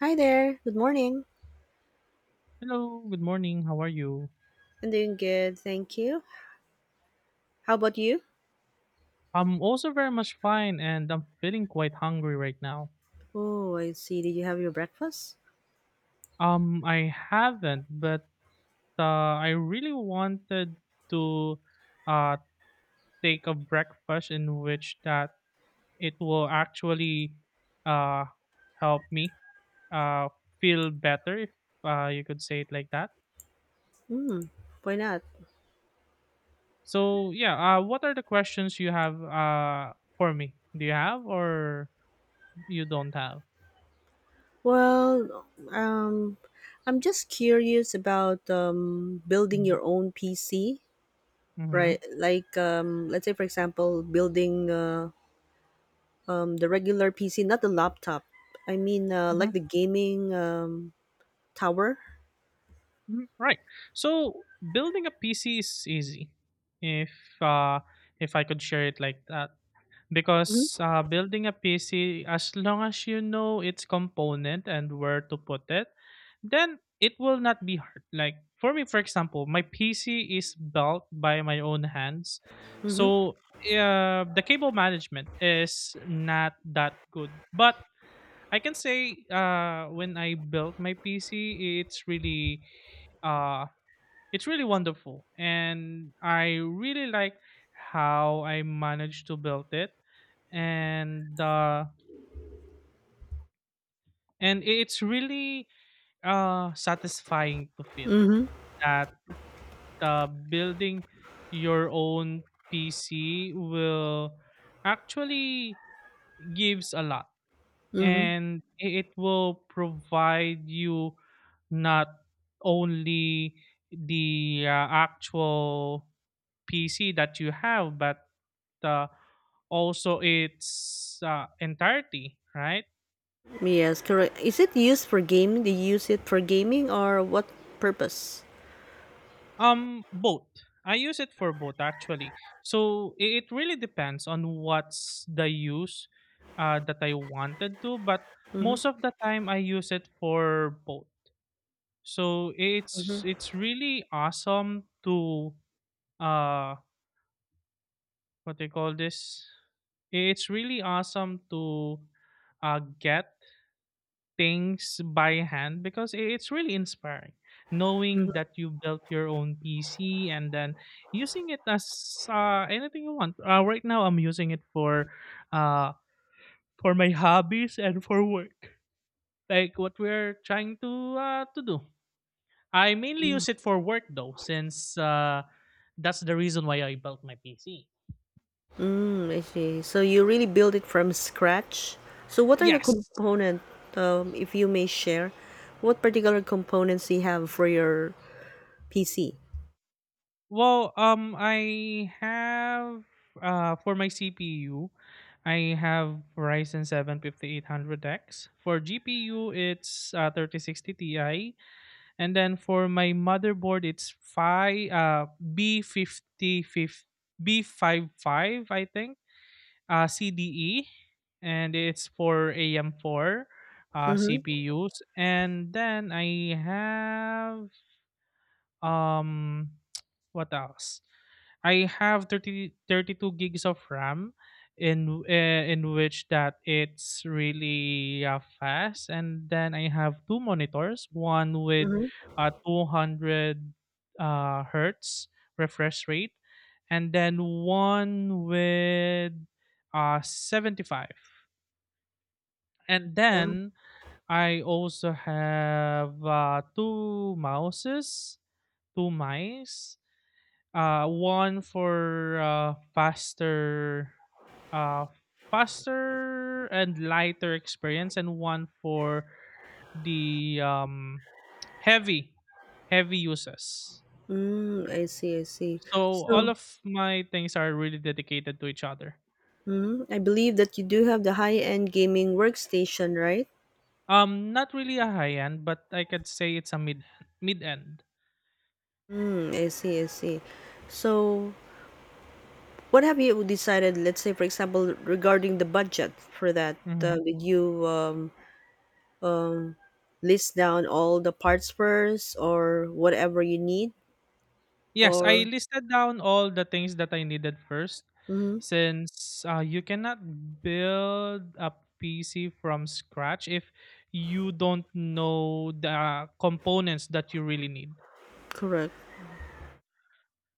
Hi there. Good morning. Hello, good morning. How are you? I'm doing good, thank you. How about you? I'm also very much fine and I'm feeling quite hungry right now. Oh, I see. Did you have your breakfast? I haven't, but I really wanted to uh take a breakfast in which that it will actually uh help me feel better if you could say it like that. Hmm. Why not? So, yeah, what are the questions you have for me? Do you have or you don't have? Well, I'm just curious about building your Mhm. own PC, Mhm. right? Like, let's say, for example, building the regular PC, not the laptop. I mean, like the gaming tower. Mm, right. So building a PC is easy, if uh, if I could share it like that, because Mm-hmm. Building a PC, as long as you know its component and where to put it, then it will not be hard. Like for me, for example, my PC is built by my own hands, Mm-hmm. so the cable management is not that good, but I can say when I built my PC, uh it's really wonderful, and I really like how I managed to build it, and uh, and it's really satisfying to feel Mm-hmm. that building your own PC will actually gives a lot, Mm-hmm. and it will provide you not only the actual PC that you have, but uh, also its entirety, right? Yes, correct. Is it used for gaming? They use it for gaming or what purpose? Both. I use it for both actually. So it really depends on what's the use that I wanted to, but Mm-hmm. most of the time I use it for both. So it's Mm-hmm. it's really awesome to uh what do you call this? It's really awesome to get things by hand because it's really inspiring knowing that you built your own PC and then using it as anything you want. Right now, I'm using it for uh, for my hobbies and for work, like what we're trying to do. I mainly Mm-hmm. use it for work though, since that's the reason why I built my PC. Mm, I see. So you really build it from scratch. So what are the Yes. component, if you may share, what particular components you have for your PC? Well, I have for my CPU, I have Ryzen 7 5800X. For GPU, it's 3060 Ti, and then for my motherboard, it's five B50 b five five I think, CDE, and it's for AM4 Mm-hmm. CPUs. And then I have um what else? I have thirty two gigs of RAM, in which that it's really fast, and then I have two monitors, one with Mm-hmm. 200 hertz refresh rate, and then one with 75, and Wow. then I also have two mice, one for uh, faster and lighter experience, and one for the heavy, heavy uses. Mm, I see, I see. So all So, of my things are really dedicated to each other. I believe that you do have the high-end gaming workstation, right? Not really a high end, but I could say it's a mid end. Mm, I see, I see. So, what have you decided, let's say, for example, regarding the budget for that? Did you list down all the parts first or whatever you need? Yes, I Or, listed down all the things that I needed first, hmm since, you cannot build a PC from scratch if you don't know the components that you really need. Correct.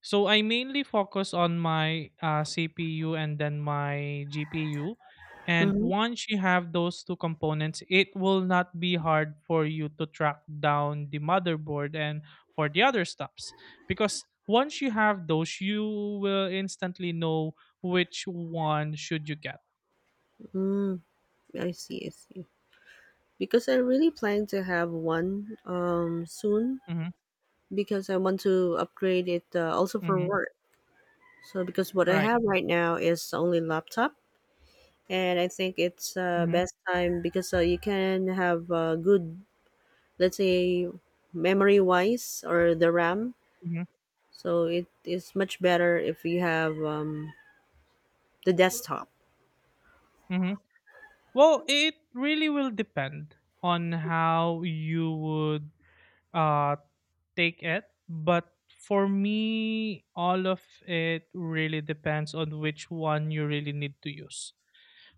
So I mainly focus on my CPU and then my GPU. And Mm-hmm. once you have those two components, it will not be hard for you to track down the motherboard and for the other stuffs. Because once you have those, you will instantly know which one should you get. Mm, I see, I see. Because I really plan to have one soon Hmm. because I want to upgrade it also for Hmm. work. So, because what I Right. have right now is only laptop. And I think it's Hmm. best time because you can have good, let's say, memory wise or the RAM. Hmm. So it is much better if you have the desktop. Hmm. Well, it really will depend on how you would uh, take it. But for me, all of it really depends on which one you really need to use.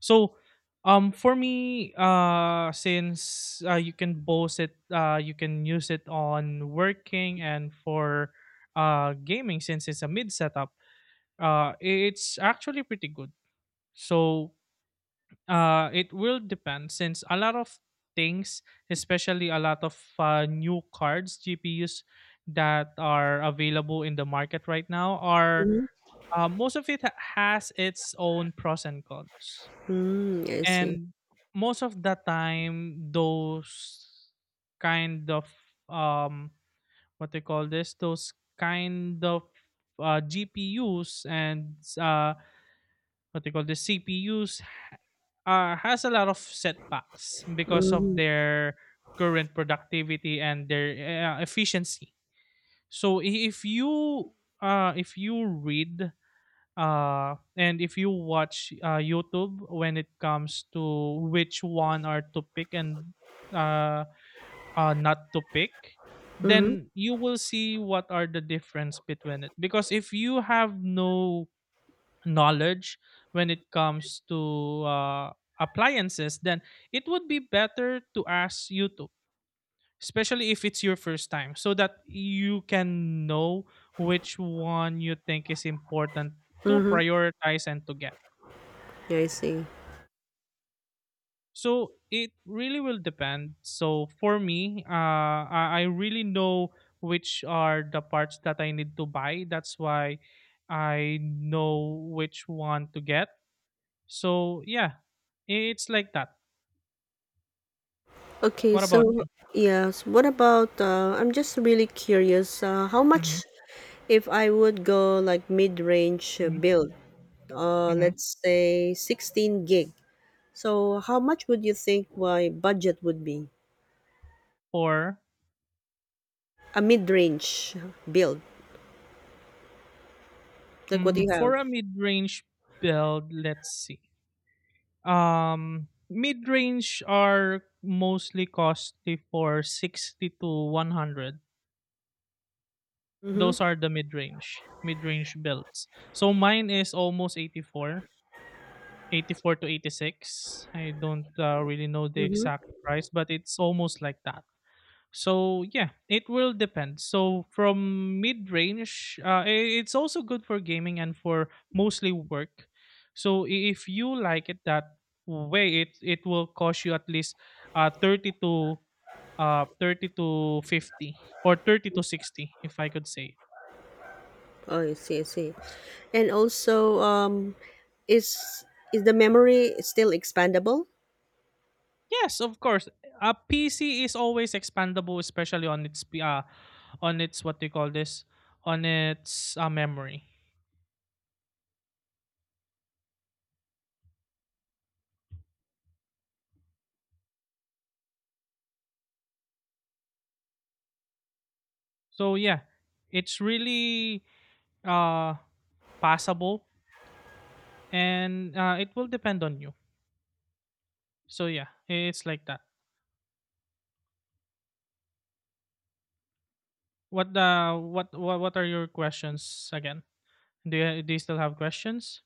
So, for me, since you can both it, you can use it on working and for gaming since it's a mid setup. It's actually pretty good. So it will depend since a lot of things, especially a lot of new cards, GPUs that are available in the market right now are Mhm. Most of it has its own pros and cons. Mm, I see. And most of the time, those kind of um, what they call this, those kind of GPUs and what they call the CPUs has a lot of setbacks because of Mm-hmm. their current productivity and their efficiency. So if you read, and if you watch YouTube when it comes to which one are to pick and uh, not to pick, Mm-hmm. then you will see what are the difference between it. Because if you have no knowledge when it comes to appliances, then it would be better to ask YouTube, especially if it's your first time, so that you can know which one you think is important to Mm-hmm. prioritize and to get. I see. So it really will depend. So for me, I really know which are the parts that I need to buy. That's why I know which one to get. So yeah, it's like that. Okay, What about so you? yes, what about I'm just really curious how Mhm, much if I would go like mid-range mhm, build, mhm. let's say 16 gig. So how much would you think my budget would be? For A mid-range build, like what do mm, you have? for a mid-range build, let's see. Mid-range are mostly costly for 60 to 100. Mm-hmm. Those are the mid-range builds. So mine is almost eighty-four to 86. I don't really know the Mm-hmm. exact price, but it's almost like that. So yeah, it will depend. So from mid range, it's also good for gaming and for mostly work. So if you like it that way, it will cost you at least thirty to thirty to 50 or 30 to 60, if I could say. Oh, I see, I see. And also, is is the memory still expandable? Yes, of course. A PC is always expandable, especially on its what do you call this? On its memory. So yeah, it's really uh passable, and it will depend on you. So yeah, it's like that. What are your questions again? Do you still have questions?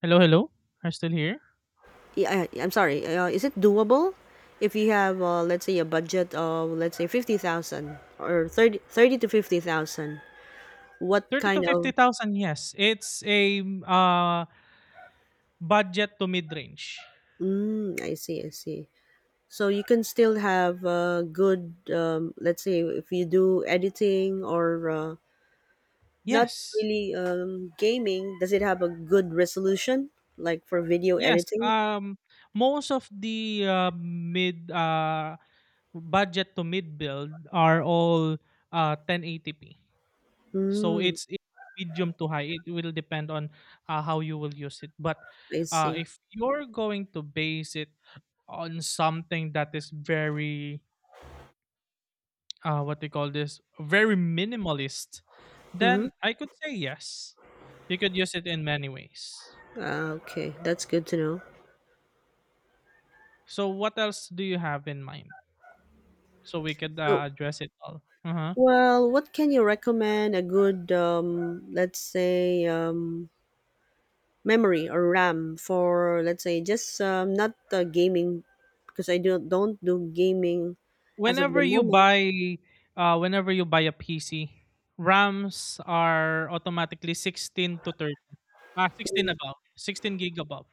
Hello, hello, are you still here? Yeah, I'm sorry. Is it doable if you have, let's say, a budget of, let's say, 50,000 or 30 to fifty thousand? What 30 kind to of? 50,000, yes, it's a budget to mid range. Mm, I see, I see. So you can still have good, let's say, if you do editing or not Yes. really gaming. Does it have a good resolution, like for video Yes, editing? Most of the mid budget to mid build are all 1080p. So Hmm. it's medium to high. It will depend on how you will use it. But I see. if you're going to base it on something that is very what they call this, very minimalist, Hmm. then I could say yes. You could use it in many ways. Okay, that's good to know. So what else do you have in mind? So we could So, address it all. Uh-huh. well, what can you recommend? A good, let's say, memory or RAM for, let's say, just not gaming, because I do don't do gaming as of the whenever you moment. buy whenever you buy a PC, RAMs are automatically 16 to 30. Ah, 16 above. 16 gig above.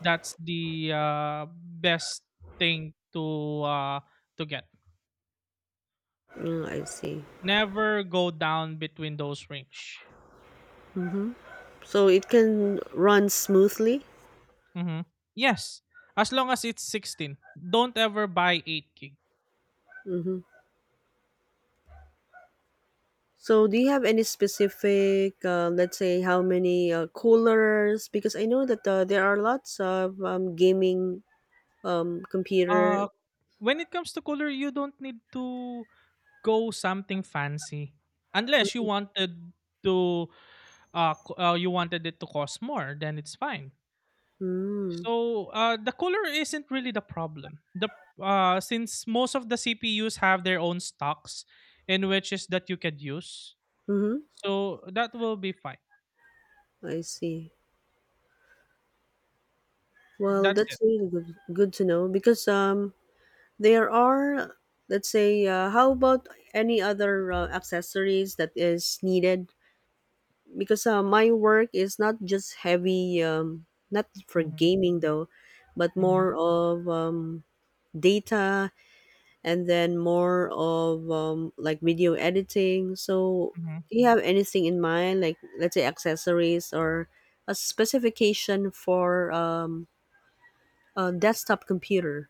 That's the best thing uh to get. Mm, I see. Never go down between those range. hmm So it can run smoothly. Hmm. Yes, as long as it's 16. Don't ever buy 8 gig. hmm So, do you have any specific, let's say, how many coolers? Because I know that there are lots of gaming computer. Uh when it comes to color, you don't need to go something fancy, unless you wanted to you wanted it to cost more, then it's fine. Mm. So the cooler isn't really the problem, the since most of the CPUs have their own stocks in which is that you could use, Mm-hmm. so that will be fine. I see. Well, That's that's it. really good, good to know because there are, let's say, how about any other accessories that is needed? Because my work is not just heavy, not for Hmm. gaming though, but Hmm. more of data, and then more of like video editing. So, Hmm. do you have anything in mind, like, let's say, accessories or a specification for a desktop computer?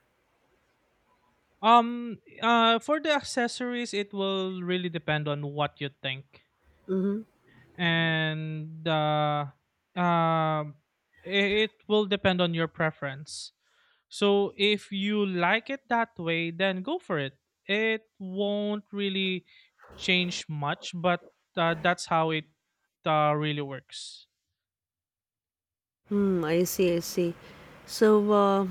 For the accessories, it will really depend on what you think, and um, it will depend on your preference. So if you like it that way, then go for it. It won't really change much, but that's how it really works. Hmm, I see, I see. So,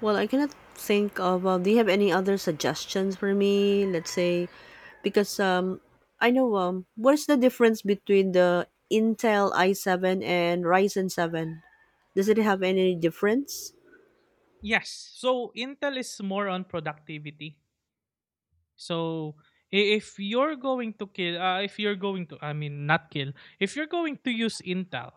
well, I cannot think of. Do you have any other suggestions for me? Let's say, because I know, what is the difference between the Intel i7 and Ryzen 7? Does it have any difference? Yes. So Intel is more on productivity. So if you're going to kill, if you're going to, I mean, not kill, if you're going to use Intel,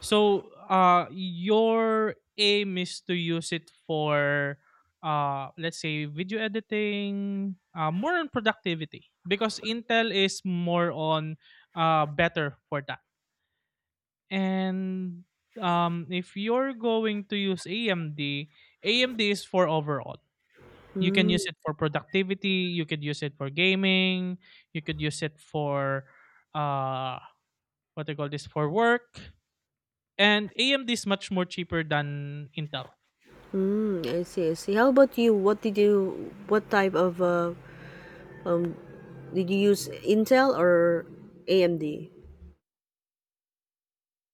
so your aim is to use it for, let's say, video editing, more on productivity because Intel is more on better for that. And if you're going to use AMD, AMD is for overall. You can Hmm. use it for productivity, you could use it for gaming, you could use it for uh what they call this for work. And AMD is much more cheaper than Intel. Mm, I see, I see. How about you? What type of, um, did you use Intel or AMD?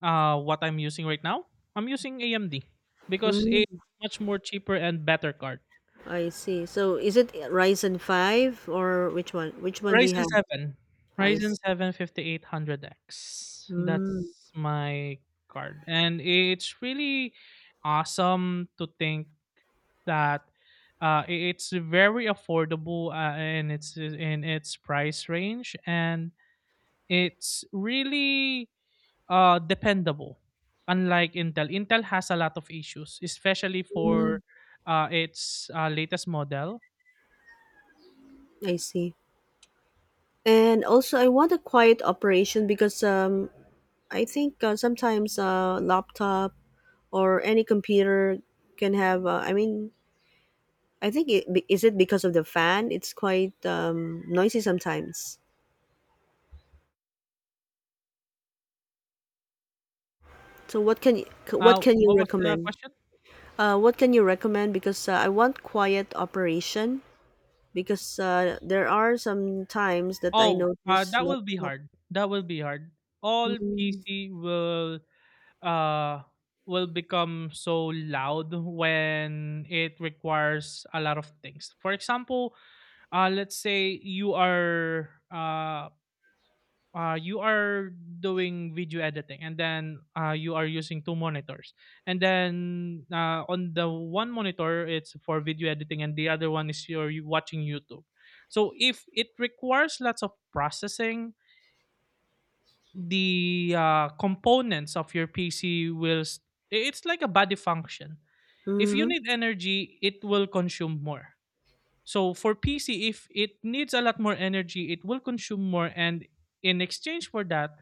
What I'm using right now, I'm using AMD because Mm, it's much more cheaper and better card. I see. So is it Ryzen 5 or which one? Which one do you Ryzen have? 7. I Ryzen see. 7 5800 X. Mm, That's my card. And it's really awesome to think that it's very affordable, and it's in its price range and it's really dependable, unlike Intel. Intel has a lot of issues, especially for its latest model. I see. And also, I want a quiet operation because I think sometimes laptop or any computer can have. I mean, is it because of the fan? It's quite noisy sometimes. So what can you what can you What was the recommend? question? What can you recommend? Because I want quiet operation. Because there are some times that I Oh, notice that will be laptop. hard, that will be hard. All Mm, PC uh, will become so loud when it requires a lot of things. For example, let's say you are doing video editing, and then you are using 2 monitors, and then on the one monitor it's for video editing and the other one is you're watching YouTube. So if it requires lots of processing, the components of your PC will it's like a body function. If you mm, need energy, it will consume more. So for PC, if it needs a lot more energy, it will consume more, and in exchange for that,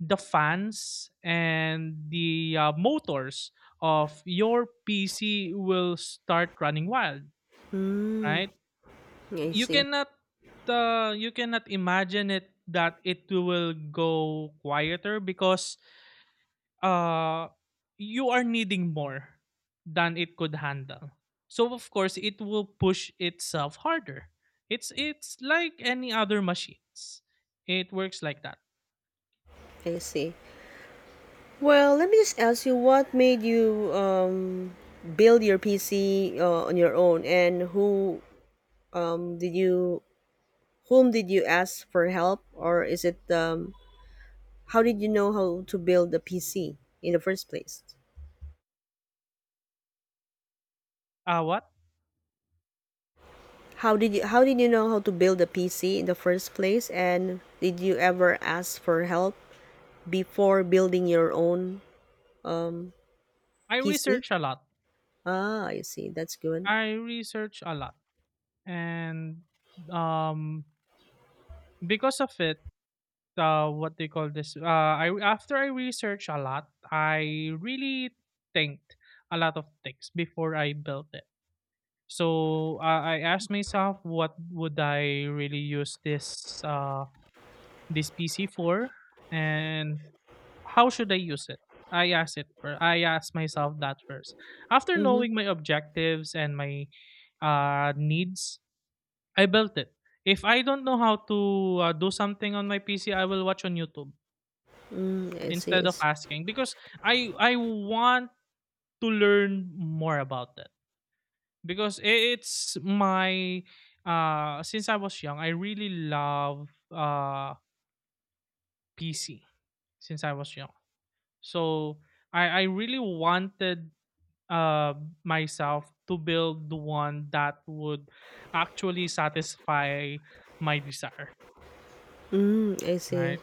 the fans and the motors of your PC will start running wild. mm. Right? I You see. cannot, you cannot imagine it that it will go quieter because uh, you are needing more than it could handle. So of course it will push itself harder. It's like any other machines. It works like that. I see. Well, let me just ask you, what made you build your PC on your own, and um, did you whom did you ask for help, or is it, how did you know how to build a PC in the first place? What? How did you know how to build a PC in the first place, and did you ever ask for help before building your own um I PC? research a lot. Ah, I see. That's good. I research a lot. And um because of it, what they call this? I, after I research a lot, I really think a lot of things before I built it. So I asked myself, what would I really use this this PC for, and how should I use it? I asked it. I asked myself that first. After Mm-hmm. knowing my objectives and my needs, I built it. If I don't know how to do something on my PC, I will watch on YouTube Mm, I see. I instead of see. asking, because I want to learn more about it. It's my, since I was young, I really love PC since I was young. So I really wanted uh myself to build the one that would actually satisfy my desire, Mm, I see. right?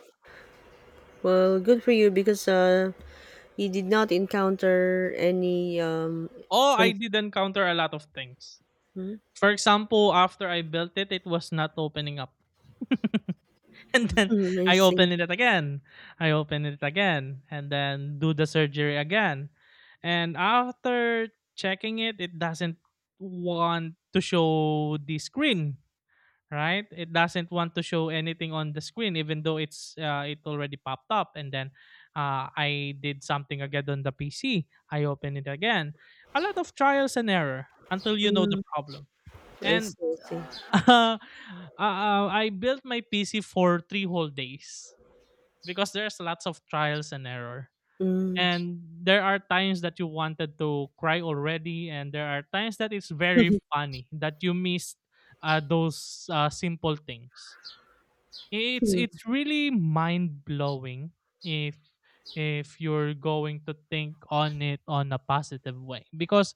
Well, good for you because you did not encounter any Oh, I con- did encounter a lot of things. mm, For example, after I built it, it was not opening up. And mm, then I I see. open it again. I open it again and then do the surgery again. And after checking it, it doesn't want to show the screen, right? It doesn't want to show anything on the screen, even though it's it already popped up. And then I did something again on the PC. I open it again. A lot of trials and error until you know the Mm, problem, I see. and I see. I built my PC for 3 whole days because there's lots of trials and error. Mm. And there are times that you wanted to cry already, and there are times that it's very funny that you missed those simple things. It's really mind blowing if if you're going to think on it on a positive way, because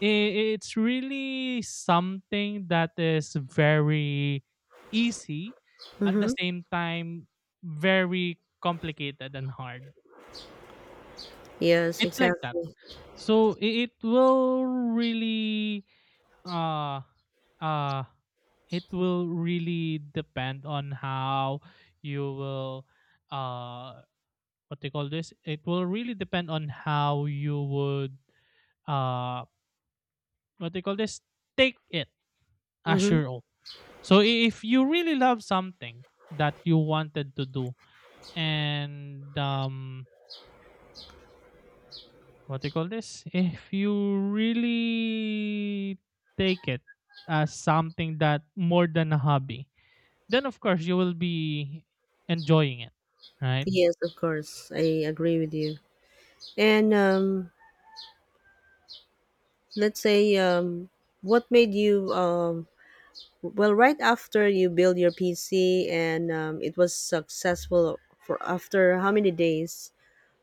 it's really something that is very easy at the Mm-hmm. same time very complicated and hard. Yes, It's like that. exactly. So uh uh it will really depend on how you will, uh what they call this it will really depend on how you would, uh what they call this take it as Mm-hmm. your own. So if you really love something that you wanted to do, and what do you call this? if you really take it as something that more than a hobby, then of course you will be enjoying it, right? Yes, of course. I agree with you. And, let's say, what made you, well, right after you build your PC, and it was successful for after how many days?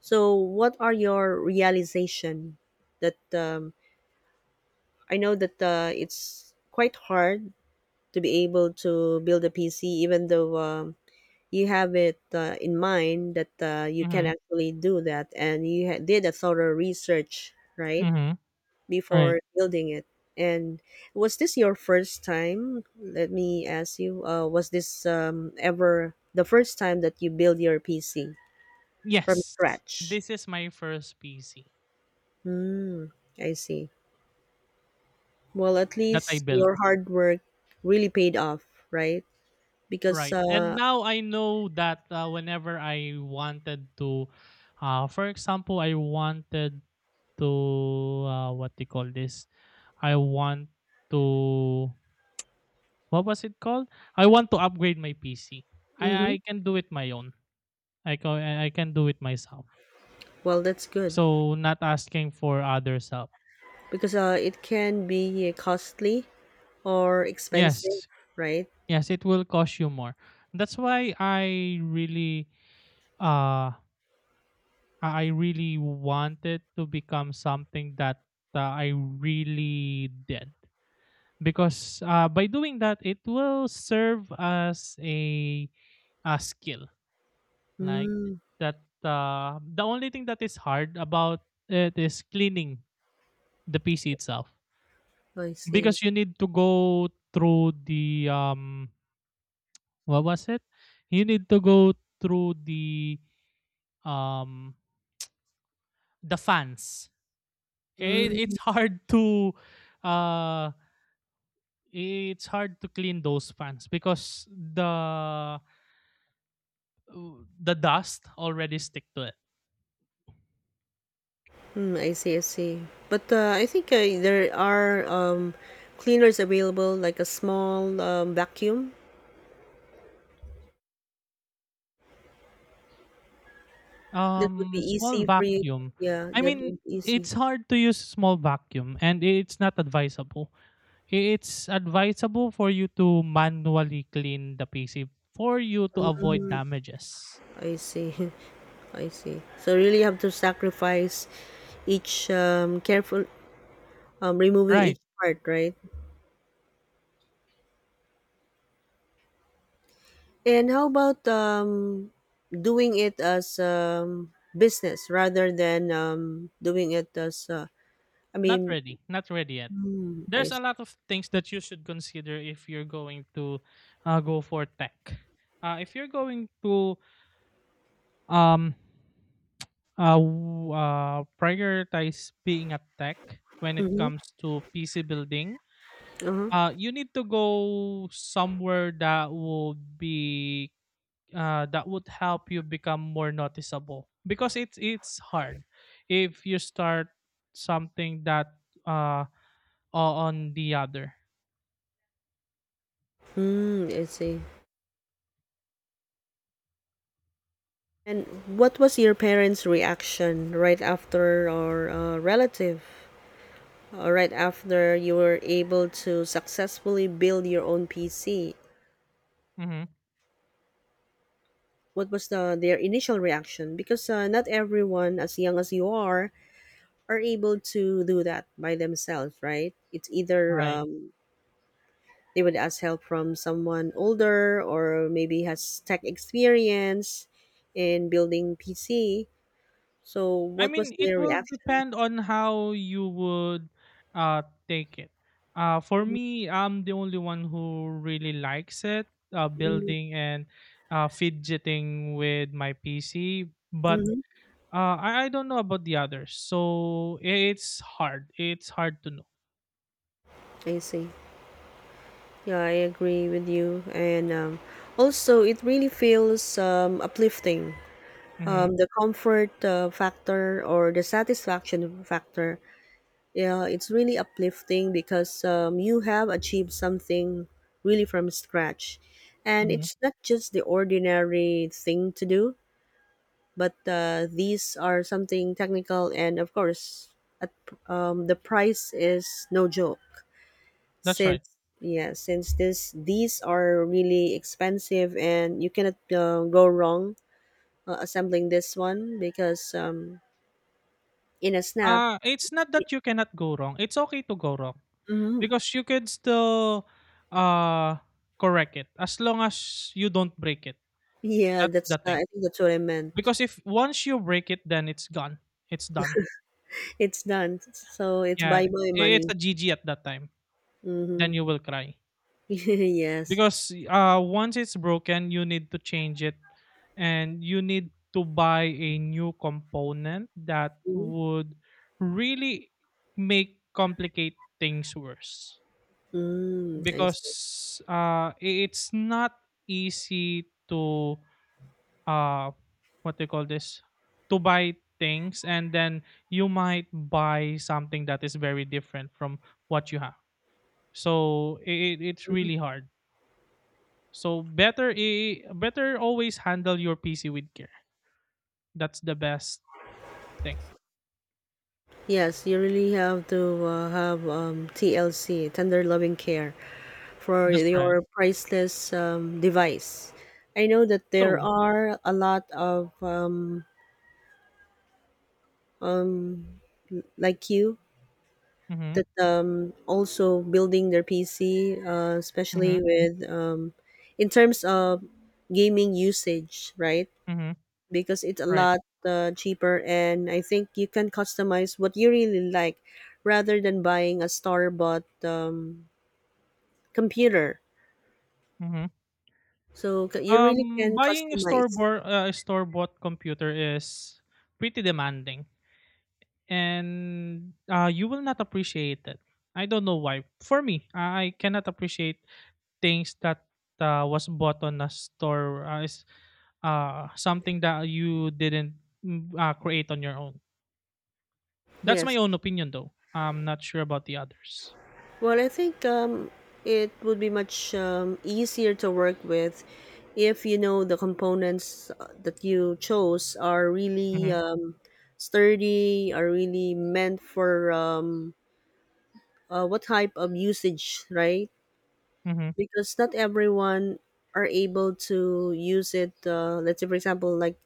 So, what are your realization that, I know that it's quite hard to be able to build a PC, even though you have it in mind that you can Mhm. actually do that, and you did a thorough research, right? Mhm. Right. Before building it. And was this your first time? Let me ask you, was this ever the first time that you build your PC from Yes. scratch? This is my first PC Hmm, I see. Well, at that I least built. your hard work really paid off, right? Because, Right. And now I know that whenever I wanted to for example, I wanted to, what they call this. I want to, what was it called? I want to upgrade my PC. mhm, I can do it my own. I can do it myself. well, that's good. So not asking for others help. Because it can be costly or expensive, Yes. right? Yes, it will cost you more. That's why I really uh I I really wanted to become something that I really did, because by doing that it will serve as a skill. Like Mm, that, the only thing that is hard about it is cleaning the PC itself, I see. because you need to go through the what was it? you need to go through um the fans. It, Mm. it's hard to uh it's hard to clean those fans because the the dust already stick to it. Mm, I see, I see. But I think there are cleaners available, like a small vacuum that would be Small easy for you. vacuum. Yeah, I that mean, would be easy. it's hard to use small vacuum, and it's not advisable. It's advisable for you to manually clean the PC for you to avoid damages. I see, I see. So really, you have to sacrifice each, careful, removing each Right. part, right? And how about, doing it as, business rather than, doing it as, I Not mean, ready, not ready yet. I There's see. a lot of things that you should consider if you're going to go for tech. If you're going to um, prioritize being a tech when it Mm-hmm. comes to PC building, Uh-huh. You need to go somewhere that would be that would help you become more noticeable, because it's hard if you start something that uh, o on the other. Mm, I see. And what was your parents' reaction right after, or relative, or right after you were able to successfully build your own PC? Mhm, What was their initial reaction? Because not everyone as young as you are able to do that by themselves, right? It's either, right. They would ask help from someone older or maybe has tech experience in building PC. So I what was mean, it their will reaction? depend on how you would, uh, take it. For me, I'm the only one who really likes it, building and, fidgeting with my PC, but, Mm-hmm. I don't know about the others, so I it's hard. It's hard to know. I see. Yeah, I agree with you. And, also, it really feels, uplifting. Mhm, The comfort factor or the satisfaction factor, yeah, it's really uplifting because, you have achieved something really from scratch. And mhm, it's not just the ordinary thing to do, but these are something technical. And, of course, at, the price is no joke, that's since, right. yeah, since this these are really expensive, and you cannot go wrong assembling this one because in a snap It's not that you cannot go wrong, it's okay to go wrong. hmm Because you can still uh correct it as long as you don't break it. yeah, That's that's the I thing, think that's what I meant. because if once you break it then it's gone, it's done. It's done, so it's Yeah, bye bye it's money. a gg at that time, then Mm-hmm. you will cry. Yes. Because once it's broken you need to change it, and you need to buy a new component that Mm-hmm. would really make complicate things worse. Mm, I see. Because it's not easy to uh what do you call this to buy things, and then you might buy something that is very different from what you have. So it's Mm-hmm. really hard. So better, better always handle your PC with care. That's the best thing. Yes, you really have to have, TLC, tender loving care, for That's right. your priceless, device. I know that there True. are a lot of, like you, Mm-hmm, that also building their PC, mm-hmm, especially with, in terms of gaming usage, right? mm-hmm, Because it's a right. lot cheaper, and I think you can customize what you really like rather than buying a store bought computer. Mm-hmm. So you really can Buying a store customize. bought store-bought computer is pretty demanding, and you will not appreciate it. I don't know why. For me, I cannot appreciate things that was bought on a store, is something that you didn't create on your own. That's my Yes. own opinion, though. I'm not sure about the others. Well, I think it would be much easier to work with if you know the components that you chose are really Mm-hmm, sturdy, are really meant for, what type of usage, right? mm-hmm, Because not everyone are able to use it. Let's say, for example, like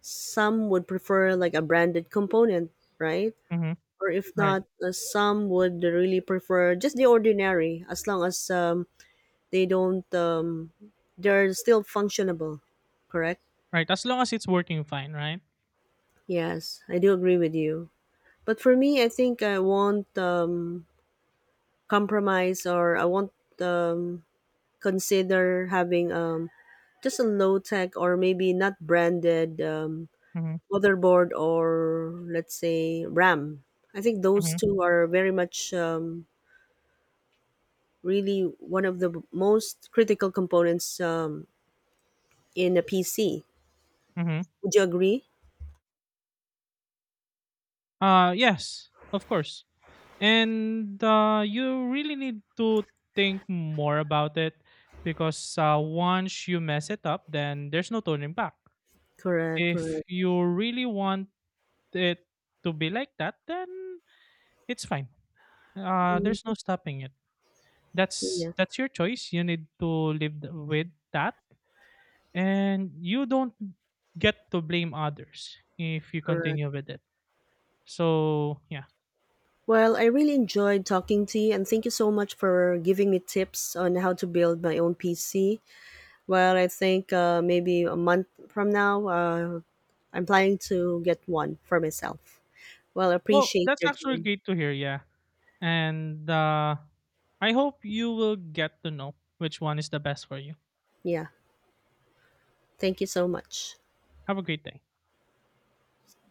some would prefer like a branded component, right? mm-hmm. Or if Right, not, some would really prefer just the ordinary, as long as, they don't, they're still functionable, correct? right. As long as it's working fine, right? Yes, I do agree with you. But for me, I think I won't compromise, or I won't um, consider having, just a low tech or maybe not branded Mm-hmm, motherboard or, let's say, RAM. I think those mm-hmm, two are very much, really one of the most critical components, in a PC. mm-hmm. Would you agree? Yes, of course. And you really need to think more about it, because once you mess it up then there's no turning back. Correct, If correct. you really want it to be like that, then it's fine. There's Mm, no stopping it. that's yeah, that's your choice, you need to live with that, and you don't get to blame others if you correct. continue with it. So yeah. Well, I really enjoyed talking to you, and thank you so much for giving me tips on how to build my own PC. Well, I think maybe a month from now, I'm planning to get one for myself. Well, I Well, appreciate that's your actually time. great to hear, yeah. And I hope you will get to know which one is the best for you. Yeah, thank you so much. Have a great day.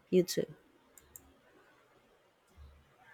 You too.